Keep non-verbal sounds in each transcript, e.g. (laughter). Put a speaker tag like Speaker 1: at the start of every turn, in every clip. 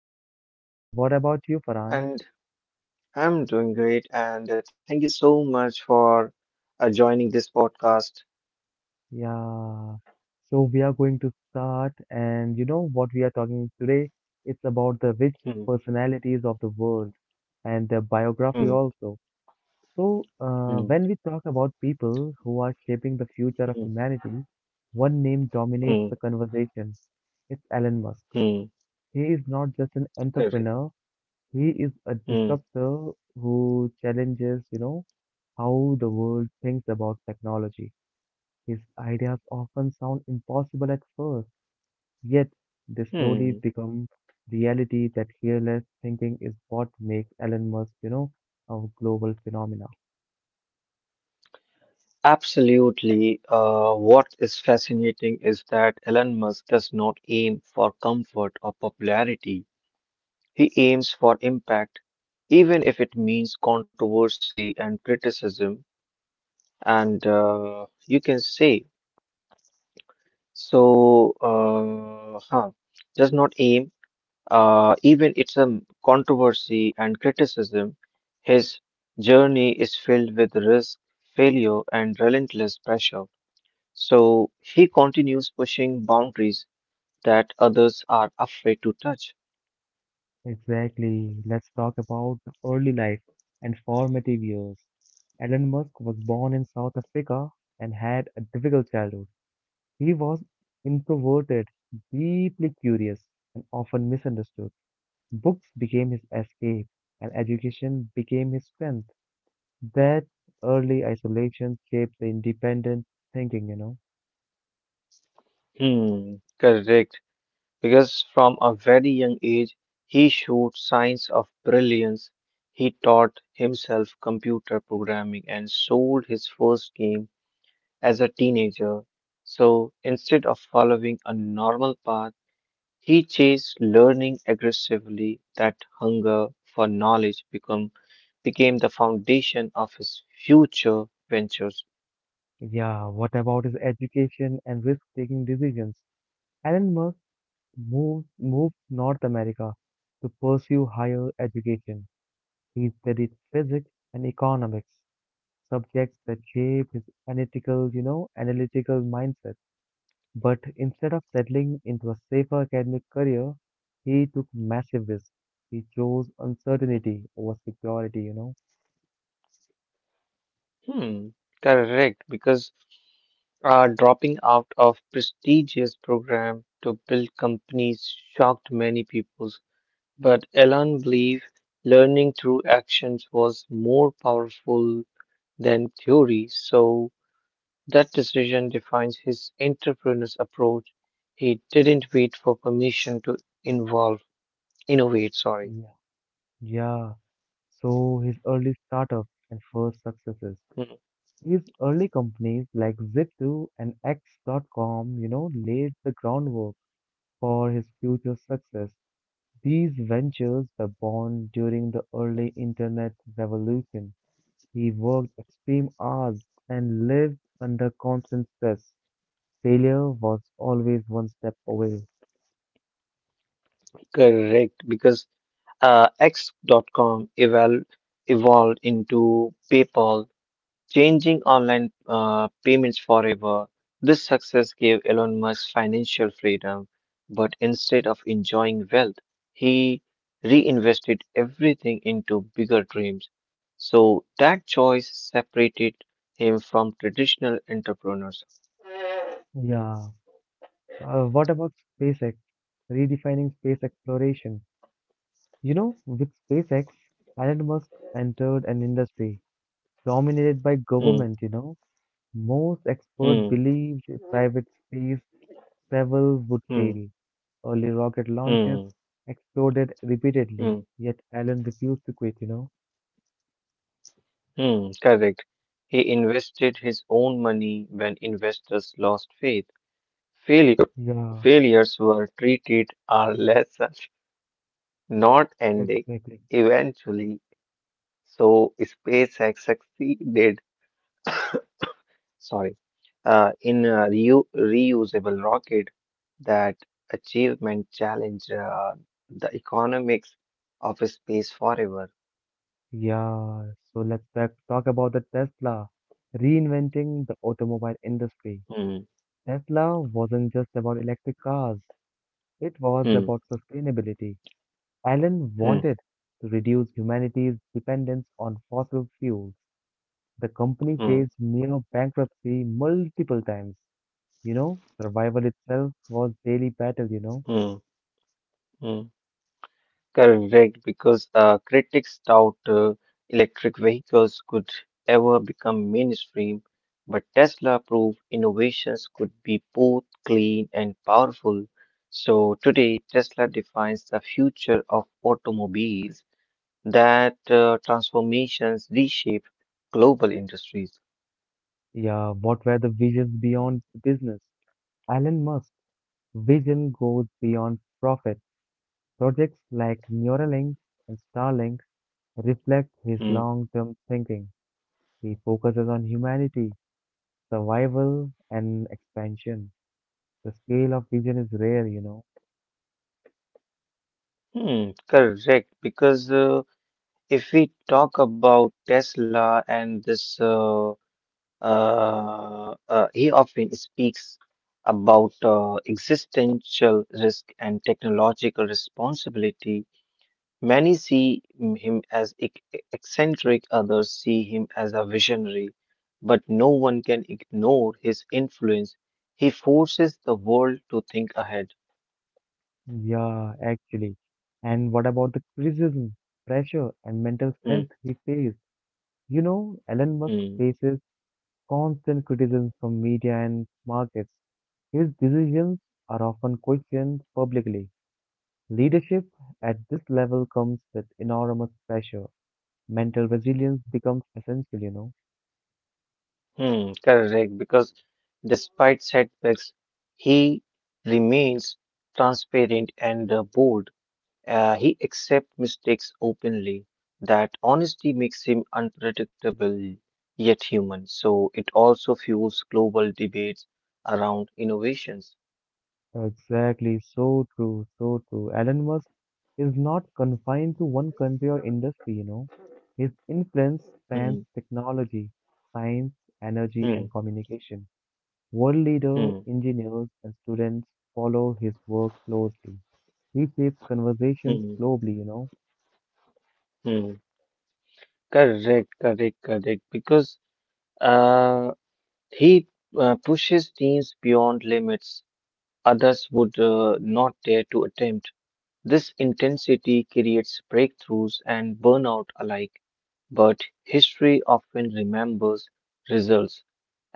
Speaker 1: I'm fine. What about you, Farhan?
Speaker 2: And I'm doing great. And thank you so much for joining this podcast.
Speaker 1: Yeah. So, we are going to start, and you know what we are talking today? It's about the rich
Speaker 2: Hmm,
Speaker 1: personalities of the world and their biography
Speaker 2: hmm,
Speaker 1: also. So,
Speaker 2: hmm,
Speaker 1: when we talk about people who are shaping the future of
Speaker 2: hmm,
Speaker 1: humanity, one name dominates
Speaker 2: hmm,
Speaker 1: the conversation. It's Elon Musk.
Speaker 2: hmm.
Speaker 1: He is not just an
Speaker 2: Correct.
Speaker 1: entrepreneur, he is a
Speaker 2: Hmm,
Speaker 1: disruptor who challenges how the world thinks about technology. His ideas often sound impossible at first, yet they slowly
Speaker 2: hmm.
Speaker 1: become reality that fearless thinking is what makes Elon Musk, a global phenomena.
Speaker 2: Absolutely. What is fascinating is that Elon Musk does not aim for comfort or popularity. He aims for impact, even if it means controversy and criticism. And you can say. So, uh, huh, does not aim, even it's a controversy and criticism. His journey is filled with risk, failure, and relentless pressure. So he continues pushing boundaries that others are afraid to touch.
Speaker 1: Exactly. Let's talk about the early life and formative years. Elon Musk was born in South Africa and had a difficult childhood. He was introverted, deeply curious, and often misunderstood. Books became his escape, and education became his strength. That early isolation shaped the independent thinking.
Speaker 2: Hmm, correct. Because from a very young age, he showed signs of brilliance. He taught himself computer programming and sold his first game as a teenager. So instead of following a normal path, he chased learning aggressively. That hunger for knowledge became the foundation of his future ventures.
Speaker 1: Yeah, what about his education and risk-taking decisions? Elon Musk moved North America to pursue higher education. He studied physics and economics, subjects that shaped his analytical mindset. But instead of settling into a safer academic career, he took massive risks. He chose uncertainty over security.
Speaker 2: Hmm, correct, because dropping out of prestigious program to build companies shocked many people. But Elon believed learning through actions was more powerful than theory. So that decision defines his entrepreneur's approach. He didn't wait for permission to involve, innovate, sorry.
Speaker 1: Yeah. Yeah, so his early startup and first successes.
Speaker 2: Hmm,
Speaker 1: His early companies like Zip2 and X.com laid the groundwork for his future success. These ventures were born during the early internet revolution. He worked extreme hours and lived under constant stress. Failure was always one step away.
Speaker 2: correct, because X.com eval evolved into PayPal, changing online payments forever. This success gave Elon Musk financial freedom, but instead of enjoying wealth, he reinvested everything into bigger dreams. So that choice separated him from traditional entrepreneurs.
Speaker 1: Yeah. What about SpaceX? Redefining space exploration. You know, with SpaceX, Elon Musk entered an industry dominated by
Speaker 2: Hmm,
Speaker 1: government. Most experts
Speaker 2: hmm,
Speaker 1: believed private space travel would
Speaker 2: hmm,
Speaker 1: fail. Early rocket launches
Speaker 2: hmm,
Speaker 1: exploded repeatedly,
Speaker 2: hmm,
Speaker 1: yet Elon refused to quit.
Speaker 2: hmm. Correct. He invested his own money when investors lost faith. Failure
Speaker 1: Yeah,
Speaker 2: Failures were treated are less (laughs) not ending
Speaker 1: exactly.
Speaker 2: eventually. So SpaceX succeeded, (coughs) sorry, in a reusable rocket. That achievement challenged the economics of space forever.
Speaker 1: Yeah, so let's back talk about the Tesla reinventing the automobile industry.
Speaker 2: Hmm,
Speaker 1: Tesla wasn't just about electric cars, it was
Speaker 2: hmm,
Speaker 1: about sustainability. Allen
Speaker 2: hmm,
Speaker 1: wanted to reduce humanity's dependence on fossil fuels. The company
Speaker 2: hmm,
Speaker 1: faced near bankruptcy multiple times. Survival itself was daily battle.
Speaker 2: hmm, hmm. Correct, because critics doubt electric vehicles could ever become mainstream, but Tesla proved innovations could be both clean and powerful. So today, Tesla defines the future of automobiles that transformations reshape global industries.
Speaker 1: Yeah, what were the visions beyond the business? Elon Musk's vision goes beyond profit. Projects like Neuralink and Starlink reflect his
Speaker 2: Hmm,
Speaker 1: long term thinking. He focuses on humanity, survival, and expansion. The scale of vision is rare.
Speaker 2: hmm, correct, because if we talk about Tesla and this he often speaks about existential risk and technological responsibility. Many see him as eccentric, others see him as a visionary, but no one can ignore his influence. He forces the world to think ahead.
Speaker 1: Yeah, actually. And what about the criticism, pressure, and mental strength
Speaker 2: Mm,
Speaker 1: he faced? Elon Musk
Speaker 2: mm,
Speaker 1: faces constant criticism from media and markets. His decisions are often questioned publicly. Leadership at this level comes with enormous pressure. Mental resilience becomes essential.
Speaker 2: mm, correct, because despite setbacks, he remains transparent and bold. He accepts mistakes openly. That honesty makes him unpredictable yet human. So it also fuels global debates around innovations.
Speaker 1: Exactly, so true, so true. Elon Musk is not confined to one country or industry. His influence
Speaker 2: Hmm,
Speaker 1: spans technology, science, energy,
Speaker 2: hmm,
Speaker 1: and communication. World leaders,
Speaker 2: hmm,
Speaker 1: engineers, and students follow his work closely. He shapes conversations
Speaker 2: hmm,
Speaker 1: globally.
Speaker 2: hmm. Correct, correct, correct. Because uh, he pushes teams beyond limits others would not dare to attempt. This intensity creates breakthroughs and burnout alike, but history often remembers results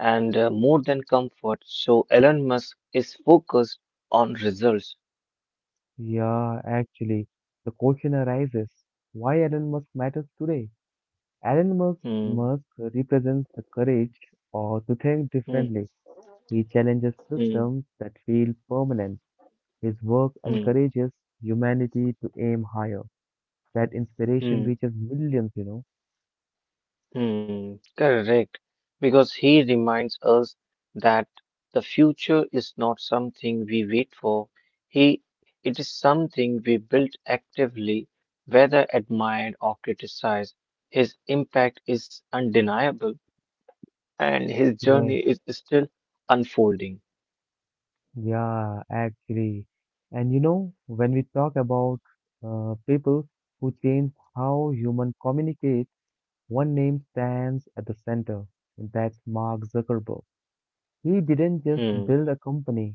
Speaker 2: and more than comfort. So Elon Musk is focused on results.
Speaker 1: Yeah, actually, the question arises, why Elon Musk matters today? Elon Musk,
Speaker 2: Hmm,
Speaker 1: Musk represents the courage or to think
Speaker 2: hmm,
Speaker 1: differently. He challenges
Speaker 2: hmm,
Speaker 1: systems that feel permanent. His work
Speaker 2: hmm,
Speaker 1: encourages humanity to aim higher. That inspiration
Speaker 2: hmm.
Speaker 1: reaches millions.
Speaker 2: Hmm, correct. Because he reminds us that the future is not something we wait for. He, it is something we build actively, whether admired or criticized. His impact is undeniable, and his
Speaker 1: Yes,
Speaker 2: journey is still unfolding.
Speaker 1: yeah, actually. And you know, when we talk about people who change how human communicate, one name stands at the center, and that's Mark Zuckerberg. He didn't just
Speaker 2: Hmm,
Speaker 1: build a company,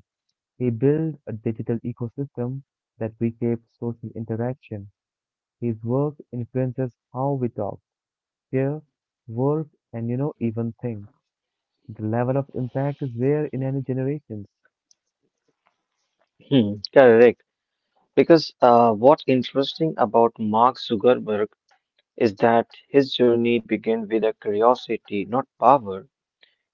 Speaker 1: he built a digital ecosystem that became social interaction. His work influences how we talk, care, work, and you know, even think. The level of impact is rare in any generations.
Speaker 2: hmm, correct. Because what's interesting about Mark Zuckerberg is that his journey began with a curiosity, not power.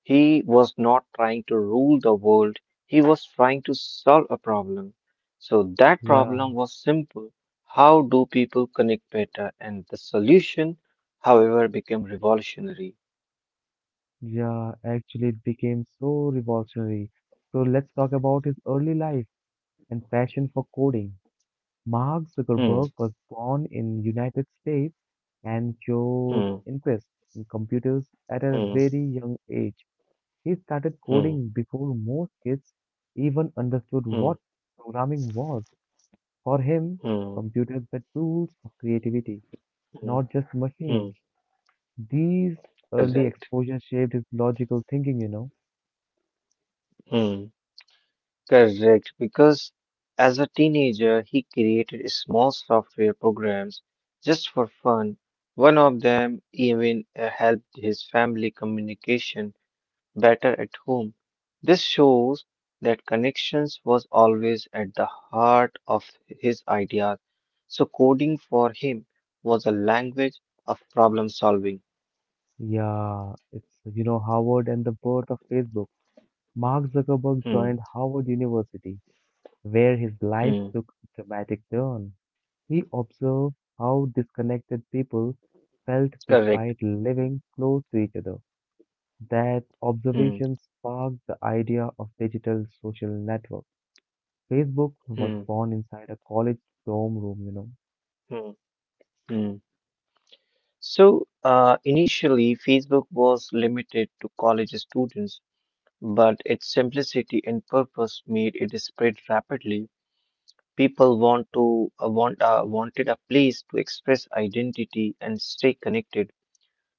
Speaker 2: He was not trying to rule the world, he was trying to solve a problem. So that
Speaker 1: Yeah,
Speaker 2: problem was simple. How do people connect better? And the solution, however, became revolutionary.
Speaker 1: yeah, actually it became so revolutionary. So let's talk about his early life and passion for coding. Mark
Speaker 2: Hmm,
Speaker 1: Zuckerberg was born in United States and showed
Speaker 2: hmm,
Speaker 1: interest in computers at a
Speaker 2: hmm,
Speaker 1: very young age. He started
Speaker 2: hmm,
Speaker 1: coding before most kids even understood
Speaker 2: hmm,
Speaker 1: what programming was. For him,
Speaker 2: hmm,
Speaker 1: computers were tools of creativity,
Speaker 2: hmm,
Speaker 1: not just
Speaker 2: hmm.
Speaker 1: machines. These early
Speaker 2: Correct.
Speaker 1: exposure shaped his logical thinking.
Speaker 2: Hmm. Correct, because as a teenager, he created small software programs just for fun. One of them even helped his family communication better at home. This shows that connections was always at the heart of his ideas. So coding for him was a language of problem solving.
Speaker 1: Yeah, it's, you know, Harvard and the birth of Facebook. Mark Zuckerberg
Speaker 2: Hmm,
Speaker 1: joined Harvard University, where his life
Speaker 2: hmm,
Speaker 1: took a dramatic turn. He observed how
Speaker 2: hmm.
Speaker 1: disconnected people felt
Speaker 2: Correct.
Speaker 1: despite living close to each other. That
Speaker 2: Hmm,
Speaker 1: observation sparked the idea of digital social network. Facebook was
Speaker 2: hmm,
Speaker 1: born inside a college dorm room, you
Speaker 2: hmm, hmm. So, initially, Facebook was limited to college students, but its simplicity and purpose made it spread rapidly. People wanted a place to express identity and stay connected.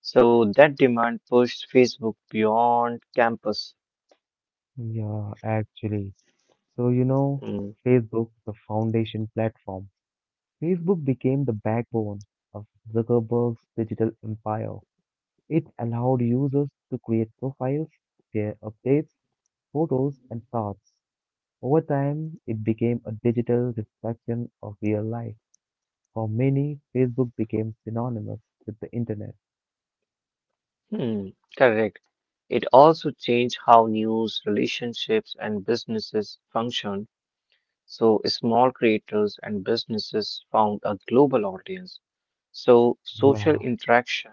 Speaker 2: So that demand pushed Facebook beyond campus.
Speaker 1: know. Yeah, actually. So, you know,
Speaker 2: Mm,
Speaker 1: Facebook, the foundation platform. Facebook became the backbone of Zuckerberg's digital empire. It allowed users to create profiles, share updates, photos, and thoughts. Over time, it became a digital reflection of real life. For many, Facebook became synonymous with the internet.
Speaker 2: hmm, correct. It also changed how news, relationships, and businesses function. So small creators and businesses found a global audience. So social
Speaker 1: Yeah,
Speaker 2: interaction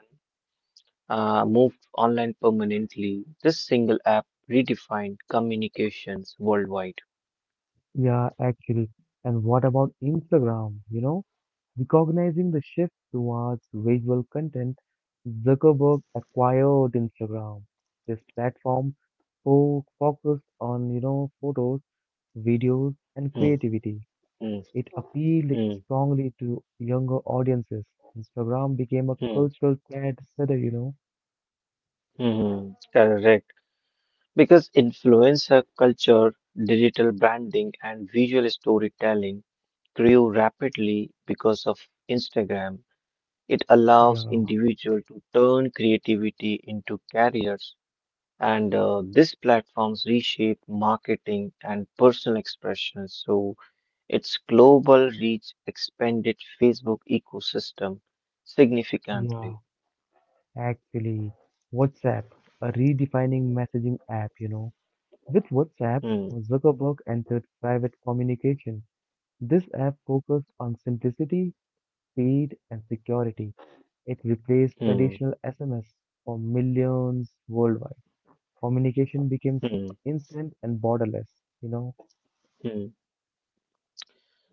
Speaker 2: moved online permanently. This single app redefined communications worldwide.
Speaker 1: yeah, actually. And what about Instagram? You know, recognizing the shift towards visual content, Zuckerberg acquired Instagram. This platform focused on, you know, photos, videos, and
Speaker 2: Hmm,
Speaker 1: creativity.
Speaker 2: hmm,
Speaker 1: It appealed
Speaker 2: hmm,
Speaker 1: strongly to younger audiences. Instagram became a
Speaker 2: hmm,
Speaker 1: cultural trendsetter.
Speaker 2: hmm. Correct. Because influencer culture, digital branding, and visual storytelling grew rapidly because of Instagram. It allows
Speaker 1: Yeah,
Speaker 2: individuals to turn creativity into careers. And these platforms reshape marketing and personal expression. So its global reach expanded Facebook ecosystem
Speaker 1: yeah.
Speaker 2: significantly.
Speaker 1: Actually, WhatsApp, a redefining messaging app. With WhatsApp,
Speaker 2: Hmm,
Speaker 1: Zuckerberg entered private communication. This app focused on simplicity, speed, and security. It replaced
Speaker 2: hmm,
Speaker 1: traditional SMS for millions worldwide. Communication became
Speaker 2: hmm,
Speaker 1: instant and borderless, you know.
Speaker 2: hmm.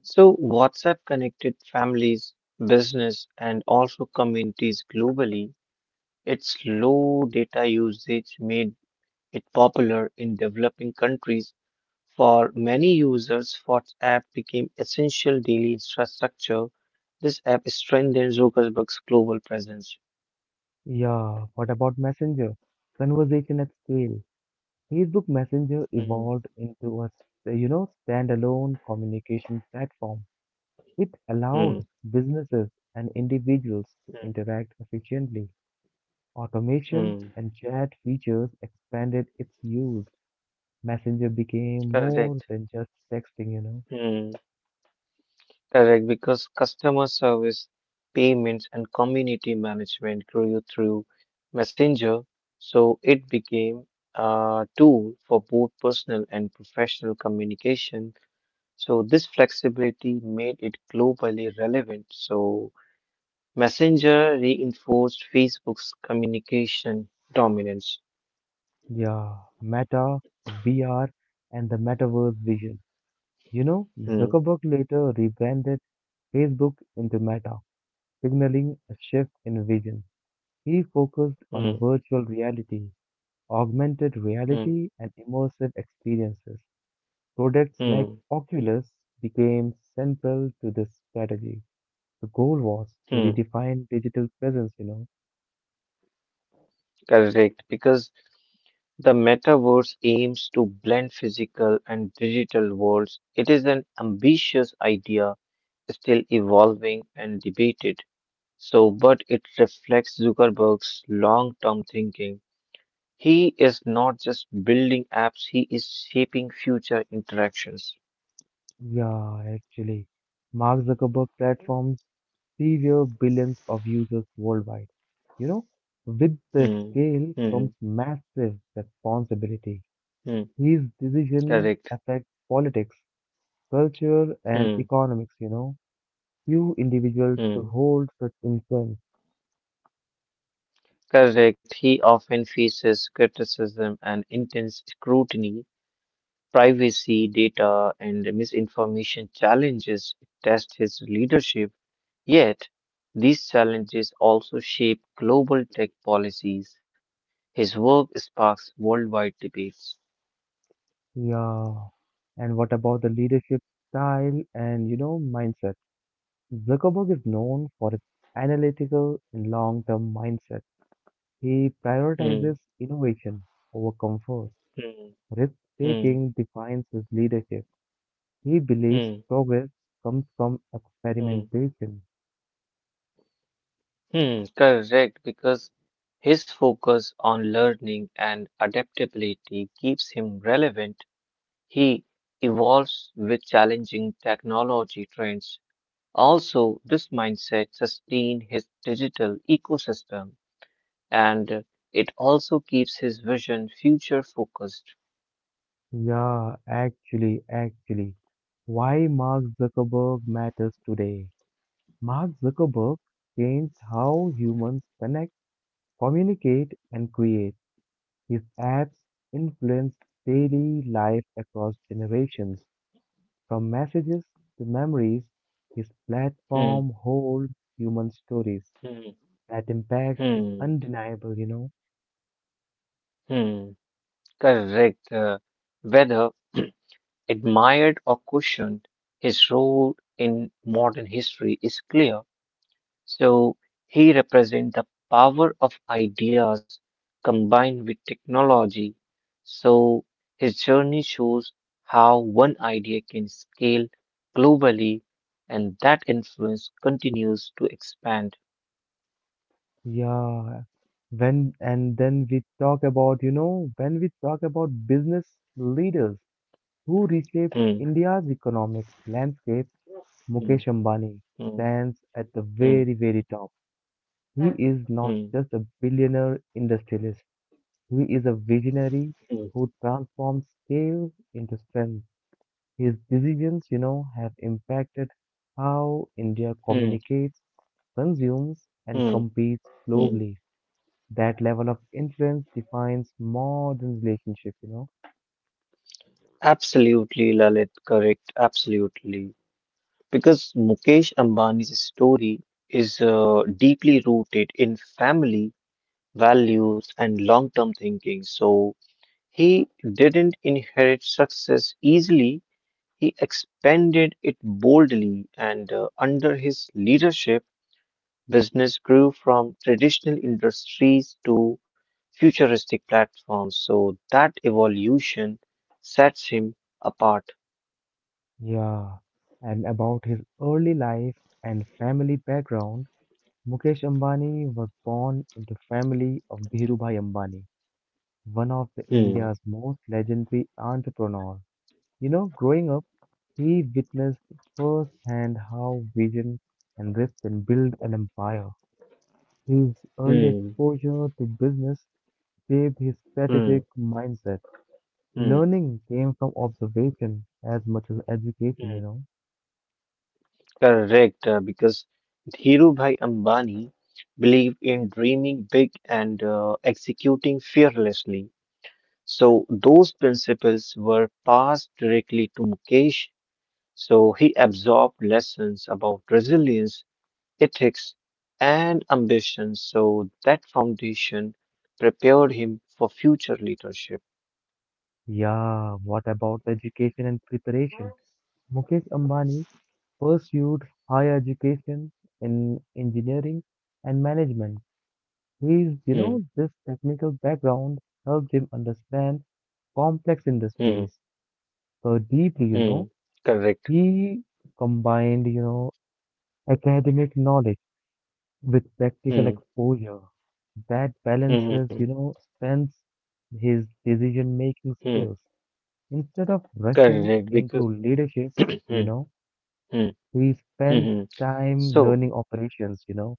Speaker 2: So WhatsApp connected families, business, and also communities globally. Its low data usage made it popular in developing countries. For many users, WhatsApp became essential daily infrastructure. This app strengthened Zuckerberg's global presence.
Speaker 1: Yeah, what about Messenger? Conversation at scale. Facebook Messenger
Speaker 2: Hmm,
Speaker 1: evolved into a standalone communication platform. It
Speaker 2: hmm,
Speaker 1: allowed businesses and individuals to
Speaker 2: hmm,
Speaker 1: interact efficiently. Automation
Speaker 2: hmm.
Speaker 1: and chat features expanded its use. Messenger became more
Speaker 2: Correct.
Speaker 1: than just texting.
Speaker 2: Hmm, correct, because customer service, payments, and community management grew through Messenger, so it became a tool for both personal and professional communication. So this flexibility made it globally relevant. So Messenger reinforced Facebook's communication dominance.
Speaker 1: Yeah, Meta, VR, and the metaverse vision. You know,
Speaker 2: Hmm,
Speaker 1: Zuckerberg later rebranded Facebook into Meta, signaling a shift in vision. He focused
Speaker 2: hmm,
Speaker 1: on virtual reality, augmented
Speaker 2: hmm,
Speaker 1: reality, and immersive experiences. Products like
Speaker 2: hmm,
Speaker 1: Oculus became central to this strategy. The goal was to
Speaker 2: hmm.
Speaker 1: redefine digital presence.
Speaker 2: Correct, because the metaverse aims to blend physical and digital worlds. It is an ambitious idea, still evolving and debated. So, but it reflects Zuckerberg's long term thinking. He is not just building apps, he is shaping future interactions.
Speaker 1: Yeah, actually, Mark Zuckerberg platform severe billions of users worldwide. You know, with the
Speaker 2: Hmm,
Speaker 1: scale
Speaker 2: hmm,
Speaker 1: comes
Speaker 2: hmm,
Speaker 1: massive responsibility.
Speaker 2: hmm.
Speaker 1: His decision
Speaker 2: Correct.
Speaker 1: affect politics, culture, and
Speaker 2: Hmm,
Speaker 1: economics. Few individuals
Speaker 2: hmm.
Speaker 1: hold such influence.
Speaker 2: Correct. He often faces criticism and intense scrutiny. Privacy, data, and misinformation challenges test his leadership. Yet, these challenges also shape global tech policies. His work sparks worldwide debates.
Speaker 1: Yeah. And what about the leadership style and, you know, mindset? Zuckerberg is known for his analytical and long-term mindset. He prioritizes
Speaker 2: Hmm,
Speaker 1: innovation over comfort.
Speaker 2: hmm, hmm,
Speaker 1: Risk-taking defines his leadership. He believes
Speaker 2: hmm,
Speaker 1: progress comes from
Speaker 2: hmm,
Speaker 1: experimentation.
Speaker 2: hmm. Correct, because his focus on learning and adaptability keeps him relevant. He evolves with challenging technology trends. Also, this mindset sustains his digital ecosystem and it also keeps his vision future focused.
Speaker 1: Yeah, actually, actually. Why Mark Zuckerberg matters today? Mark Zuckerberg changed how humans connect, communicate, and create. His ads influenced daily life across generations. From messages to memories, his
Speaker 2: Hmm,
Speaker 1: platform holds human stories.
Speaker 2: hmm,
Speaker 1: That impact is
Speaker 2: hmm,
Speaker 1: undeniable.
Speaker 2: hmm. Correct. Whether (clears throat) admired or questioned, his role in modern history is clear. So he represents the power of ideas combined with technology. So his journey shows how one idea can scale globally and that influence continues to expand.
Speaker 1: Yeah. When and then we talk about, you know, when we talk about business leaders who reshaped
Speaker 2: Hmm,
Speaker 1: India's economic landscape,
Speaker 2: hmm,
Speaker 1: Mukesh Ambani
Speaker 2: hmm,
Speaker 1: stands at the
Speaker 2: hmm,
Speaker 1: very, very top. He is not
Speaker 2: hmm,
Speaker 1: just a billionaire industrialist. He is a visionary
Speaker 2: hmm,
Speaker 1: who transforms chaos into strength. His decisions have impacted how India
Speaker 2: hmm,
Speaker 1: communicates, consumes, and
Speaker 2: hmm,
Speaker 1: competes
Speaker 2: hmm.
Speaker 1: globally. That level of influence defines modern relationship.
Speaker 2: Absolutely, Lalit, correct. Absolutely. Because Mukesh Ambani's story is deeply rooted in family values, and long term thinking. So he didn't inherit success easily, he expanded it boldly, and under his leadership, business grew from traditional industries to futuristic platforms. So that evolution sets him apart.
Speaker 1: Yeah. And about his early life and family background, Mukesh Ambani was born into family of Dhirubhai Ambani, one of the
Speaker 2: Hmm,
Speaker 1: India's most legendary entrepreneurs. You know, growing up, he witnessed firsthand how vision and risk can build an empire. His early
Speaker 2: hmm,
Speaker 1: exposure to business shaped his
Speaker 2: hmm,
Speaker 1: strategic mindset.
Speaker 2: hmm,
Speaker 1: Learning came from observation as much as education,
Speaker 2: hmm.
Speaker 1: you know.
Speaker 2: Correct, because Dhirubhai Ambani believed in dreaming big and executing fearlessly. So those principles were passed directly to Mukesh. So he absorbed lessons about resilience, ethics, and ambition. So that foundation prepared him for future leadership.
Speaker 1: Yeah, what about education and preparation? Mukesh Ambani pursued higher education in engineering and management.
Speaker 2: Hmm,
Speaker 1: This technical background helped him understand complex
Speaker 2: hmm,
Speaker 1: industries so deeply.
Speaker 2: hmm. Correct.
Speaker 1: He combined academic knowledge with practical
Speaker 2: Hmm,
Speaker 1: exposure. That
Speaker 2: hmm, hmm.
Speaker 1: balances strengths his decision-making
Speaker 2: Hmm.
Speaker 1: skills. Instead of rushing
Speaker 2: Correct, because.
Speaker 1: into leadership,
Speaker 2: (clears throat)
Speaker 1: you
Speaker 2: Hmm,
Speaker 1: know,
Speaker 2: hmm,
Speaker 1: he
Speaker 2: hmm.
Speaker 1: spent
Speaker 2: Hmm.
Speaker 1: time
Speaker 2: So,
Speaker 1: learning operations.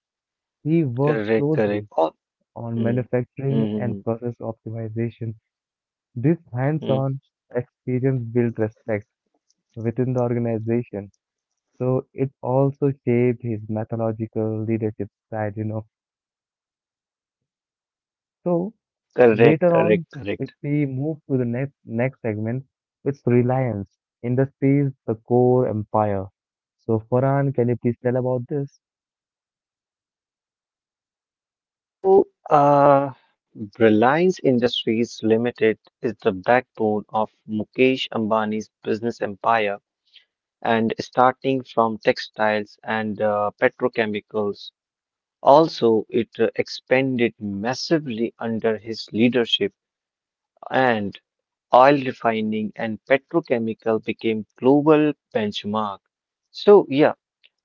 Speaker 1: He worked
Speaker 2: correct, correct.
Speaker 1: closely
Speaker 2: Oh,
Speaker 1: on
Speaker 2: mm,
Speaker 1: manufacturing and
Speaker 2: mm,
Speaker 1: process optimization. This
Speaker 2: mm,
Speaker 1: hands-on experience built respect within the organization. So it also shaped his mythological leadership style. So
Speaker 2: correct,
Speaker 1: later
Speaker 2: correct,
Speaker 1: on, if
Speaker 2: correct.
Speaker 1: we move to the next next segment, it's reliance, industries, the core empire. So Farhan, can you please tell about this?
Speaker 2: So, Reliance Industries Limited is the backbone of Mukesh Ambani's business empire, and starting from textiles and petrochemicals. Also, it expanded massively under his leadership, and oil refining and petrochemical became global benchmark. So, yeah.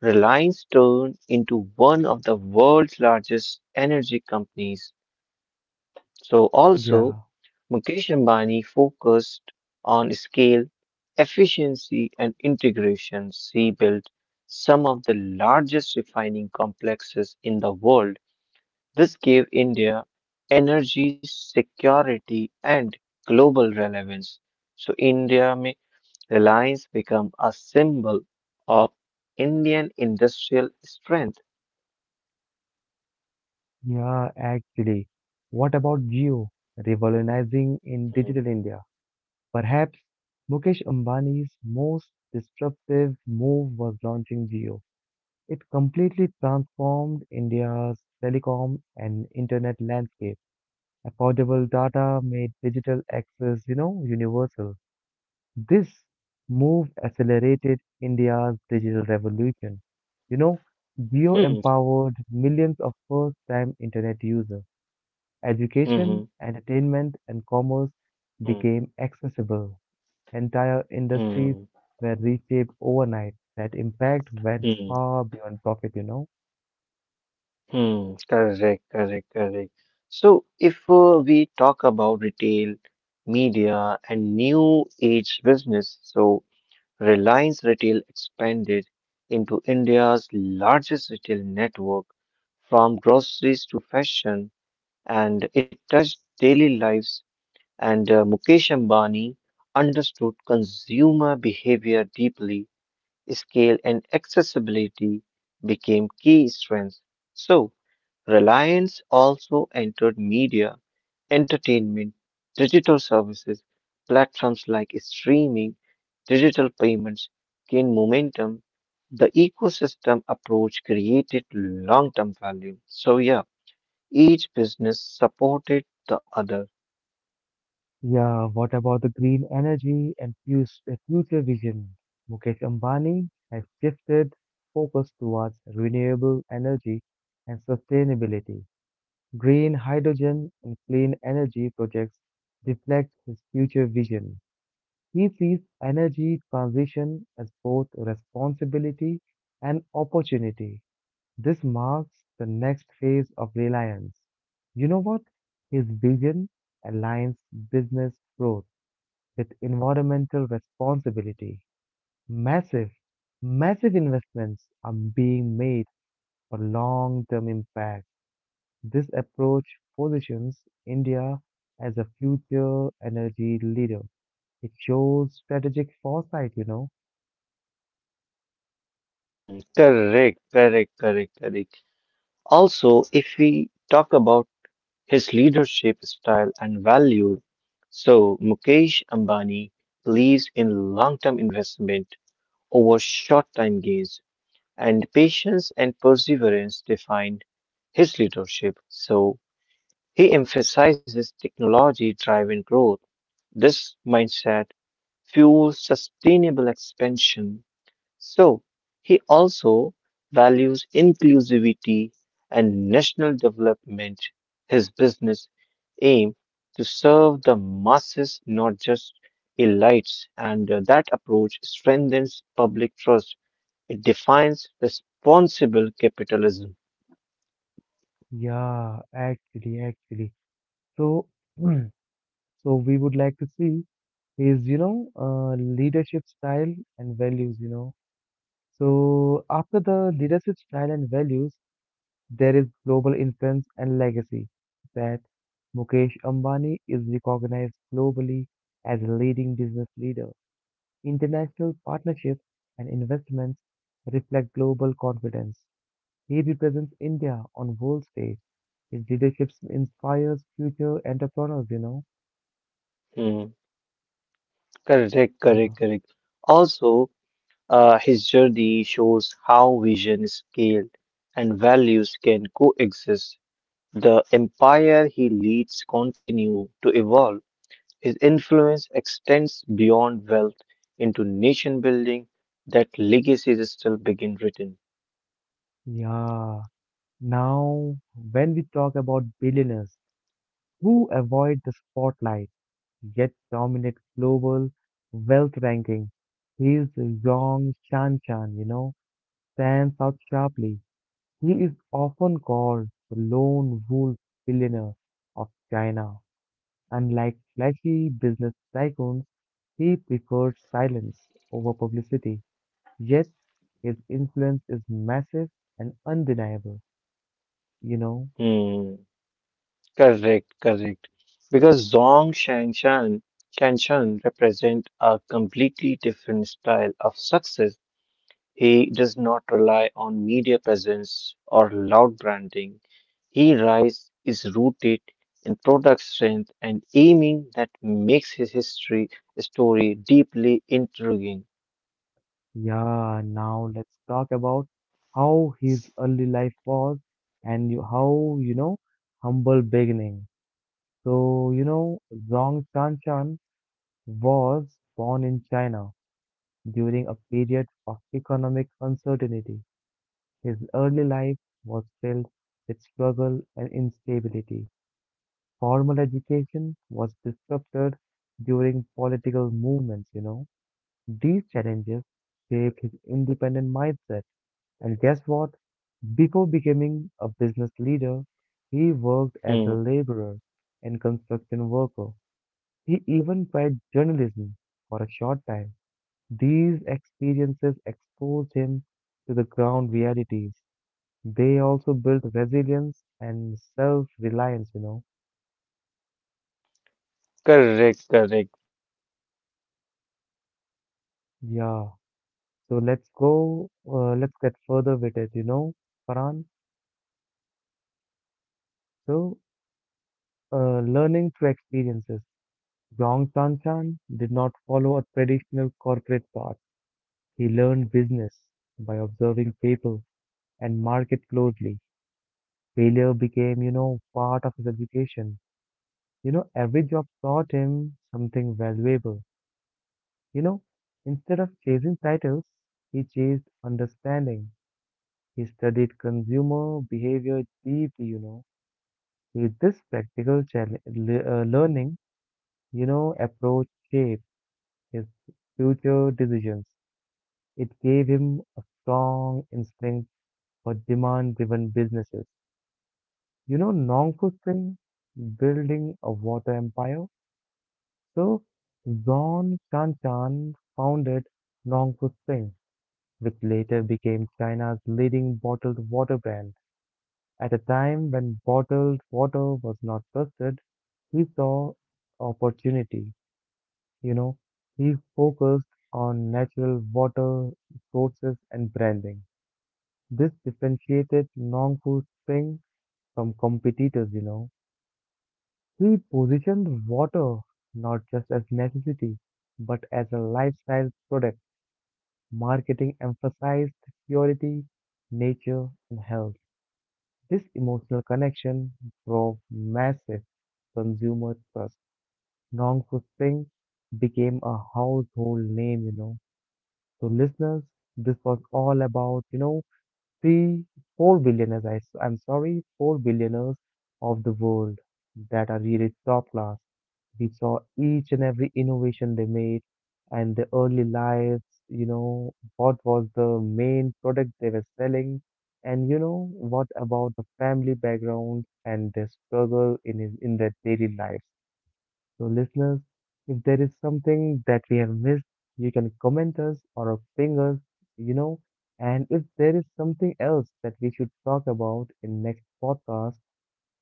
Speaker 2: Reliance turned into one of the world's largest energy companies. So also,
Speaker 1: Yeah,
Speaker 2: Mukesh Ambani focused on scale, efficiency, and integration. He built some of the largest refining complexes in the world. This gave India energy security and global relevance. So India may Reliance become a symbol of Indian industrial strength.
Speaker 1: yeah, actually. What about Geo, revolutionizing in digital India? Perhaps Mukesh Ambani's most disruptive move was launching Jio. It completely transformed India's telecom and internet landscape. Affordable data made digital access universal. This move accelerated India's digital revolution. You know, Geo
Speaker 2: Hmm.
Speaker 1: empowered millions of first-time internet users. Education,
Speaker 2: Hmm.
Speaker 1: entertainment, and commerce
Speaker 2: Hmm.
Speaker 1: became accessible. Entire industries
Speaker 2: Hmm.
Speaker 1: were reshaped overnight. That impact went
Speaker 2: Hmm.
Speaker 1: far beyond profit.
Speaker 2: Hmm. Correct. Correct. Correct. So, if we talk about retail media and new age business, so Reliance Retail expanded into India's largest retail network from groceries to fashion, and it touched daily lives. And Mukesh Ambani understood consumer behavior deeply, scale, and accessibility became key strengths. So, Reliance also entered media, entertainment, digital services, platforms like streaming, digital payments gained momentum. The ecosystem approach created long term value. So, yeah, each business supported the other.
Speaker 1: Yeah, what about the green energy and future vision? Mukesh Ambani has shifted focus towards renewable energy and sustainability. Green hydrogen and clean energy projects reflect his future vision. He sees energy transition as both a responsibility and opportunity. This marks the next phase of Reliance. You know what? His vision aligns business growth with environmental responsibility. Massive, massive investments are being made for long term impact. This approach positions India as a future energy leader. It shows strategic foresight.
Speaker 2: Hmm, correct, correct, correct, correct. Also, if we talk about his leadership style, and values. So, Mukesh Ambani believes in long term investment over short time gains, and patience and perseverance define his leadership. So, he emphasizes technology driven growth. This mindset fuels sustainable expansion so he also values inclusivity and national development. His business aim to serve the masses, not just elites, and that approach strengthens public trust. It defines responsible capitalism.
Speaker 1: Yeah, actually, actually. So, (clears throat) so we would like to see his, you know, leadership style and values. So after the leadership style and values, there is global influence and legacy that Mukesh Ambani is recognized globally as a leading business leader. International partnerships and investments reflect global confidence. He represents India on world stage. His leadership inspires future entrepreneurs.
Speaker 2: Hmm. Correct, correct,
Speaker 1: Yeah.
Speaker 2: correct. Also, his journey shows how vision, scale, and values can coexist. The empire he leads continue to evolve. His influence extends beyond wealth into nation building. That legacy is still being written.
Speaker 1: Yeah. Now, when we talk about billionaires who avoid the spotlight, yet dominates global wealth ranking. His Yong Shan Shan, stands out sharply. He is often called the lone wolf billionaire of China. Unlike flashy business tycoons, he prefers silence over publicity. Yet his influence is massive and undeniable, you know.
Speaker 2: Hmm, correct, correct. Because Shanshan represent a completely different style of success. He does not rely on media presence or loud branding. He rise is rooted in product strength and aiming that makes his history story deeply intriguing.
Speaker 1: Yeah, now let's talk about how his early life was and you, how humble beginning. So, you know, Zhong Chanshan was born in China during a period of economic uncertainty. His early life was filled with struggle and instability. Formal education was disrupted during political movements. These challenges shaped his independent mindset. And guess what? Before becoming a business leader, he worked as a
Speaker 2: Hmm.
Speaker 1: laborer and construction worker. He even tried journalism for a short time. These experiences exposed him to the ground realities. They also built resilience and self-reliance.
Speaker 2: Correct, correct. Because Zong Shang Shang did
Speaker 1: Yeah.
Speaker 2: not
Speaker 1: So
Speaker 2: follow
Speaker 1: let's
Speaker 2: a
Speaker 1: go, let's
Speaker 2: traditional
Speaker 1: get further with
Speaker 2: corporate
Speaker 1: it, you
Speaker 2: path.
Speaker 1: know,
Speaker 2: He
Speaker 1: Farhan.
Speaker 2: learned business by observing people
Speaker 1: So,
Speaker 2: and markets closely,
Speaker 1: learning through
Speaker 2: failure
Speaker 1: experiences.
Speaker 2: becomes a part of
Speaker 1: Yong
Speaker 2: his
Speaker 1: Chan Chan did
Speaker 2: education,
Speaker 1: not
Speaker 2: so
Speaker 1: follow a
Speaker 2: every
Speaker 1: traditional
Speaker 2: job
Speaker 1: corporate
Speaker 2: taught
Speaker 1: path.
Speaker 2: him something
Speaker 1: He
Speaker 2: valuable.
Speaker 1: learned business
Speaker 2: So
Speaker 1: by
Speaker 2: instead
Speaker 1: observing
Speaker 2: of
Speaker 1: people
Speaker 2: chasing
Speaker 1: and
Speaker 2: titles,
Speaker 1: market
Speaker 2: he
Speaker 1: closely.
Speaker 2: chased understanding.
Speaker 1: Failure
Speaker 2: He
Speaker 1: became,
Speaker 2: studied
Speaker 1: part of
Speaker 2: consumer
Speaker 1: his
Speaker 2: behavior
Speaker 1: education.
Speaker 2: deeply. This
Speaker 1: Every job
Speaker 2: practical
Speaker 1: taught
Speaker 2: learning
Speaker 1: him
Speaker 2: approach
Speaker 1: something
Speaker 2: shaped his
Speaker 1: valuable.
Speaker 2: future decisions
Speaker 1: You know,
Speaker 2: and
Speaker 1: Instead of
Speaker 2: it
Speaker 1: chasing
Speaker 2: gave
Speaker 1: titles,
Speaker 2: him a
Speaker 1: he chased
Speaker 2: strong instinct for
Speaker 1: understanding.
Speaker 2: demand
Speaker 1: He
Speaker 2: driven
Speaker 1: studied
Speaker 2: business.
Speaker 1: consumer behavior deeply. With this practical learning,
Speaker 2: Also, if we
Speaker 1: approach
Speaker 2: talk
Speaker 1: shaped
Speaker 2: about
Speaker 1: his
Speaker 2: Nongfu
Speaker 1: future
Speaker 2: Spring, a
Speaker 1: decisions.
Speaker 2: building a water
Speaker 1: It gave
Speaker 2: empire,
Speaker 1: him a strong instinct for demand driven businesses. You know, Nongku Singh building a water empire. So, Zon Shan Shan founded Nongku Singh, which later became China's leading bottled water brand. At a time when bottled water was not trusted, he saw opportunity. You know, he focused on natural water sources and branding. This differentiated Nongku Singh from competitors. He positioned water not just as necessity, but as a lifestyle product. Marketing emphasized purity, nature, and health. This emotional connection drove massive consumer trust. Nong Fu Singh became a household name. So listeners, this was all about, you know, Three, four billionaires, four billionaires of the world that are really top class. We saw each and every innovation they made and their early lives, you know, what was the main product they were selling, and you know, what about the family background and their struggle in their daily lives. So, listeners, if there is something that we have missed, you can comment us or ping us, you know. And if there is something else that we should talk about in next podcast,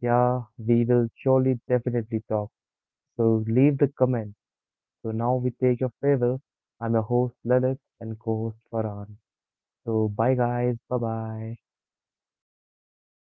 Speaker 1: yeah, we will surely definitely talk. So leave the comment. So now we take your farewell. I'm your host Lalit and co-host Farhan. So bye guys, bye bye.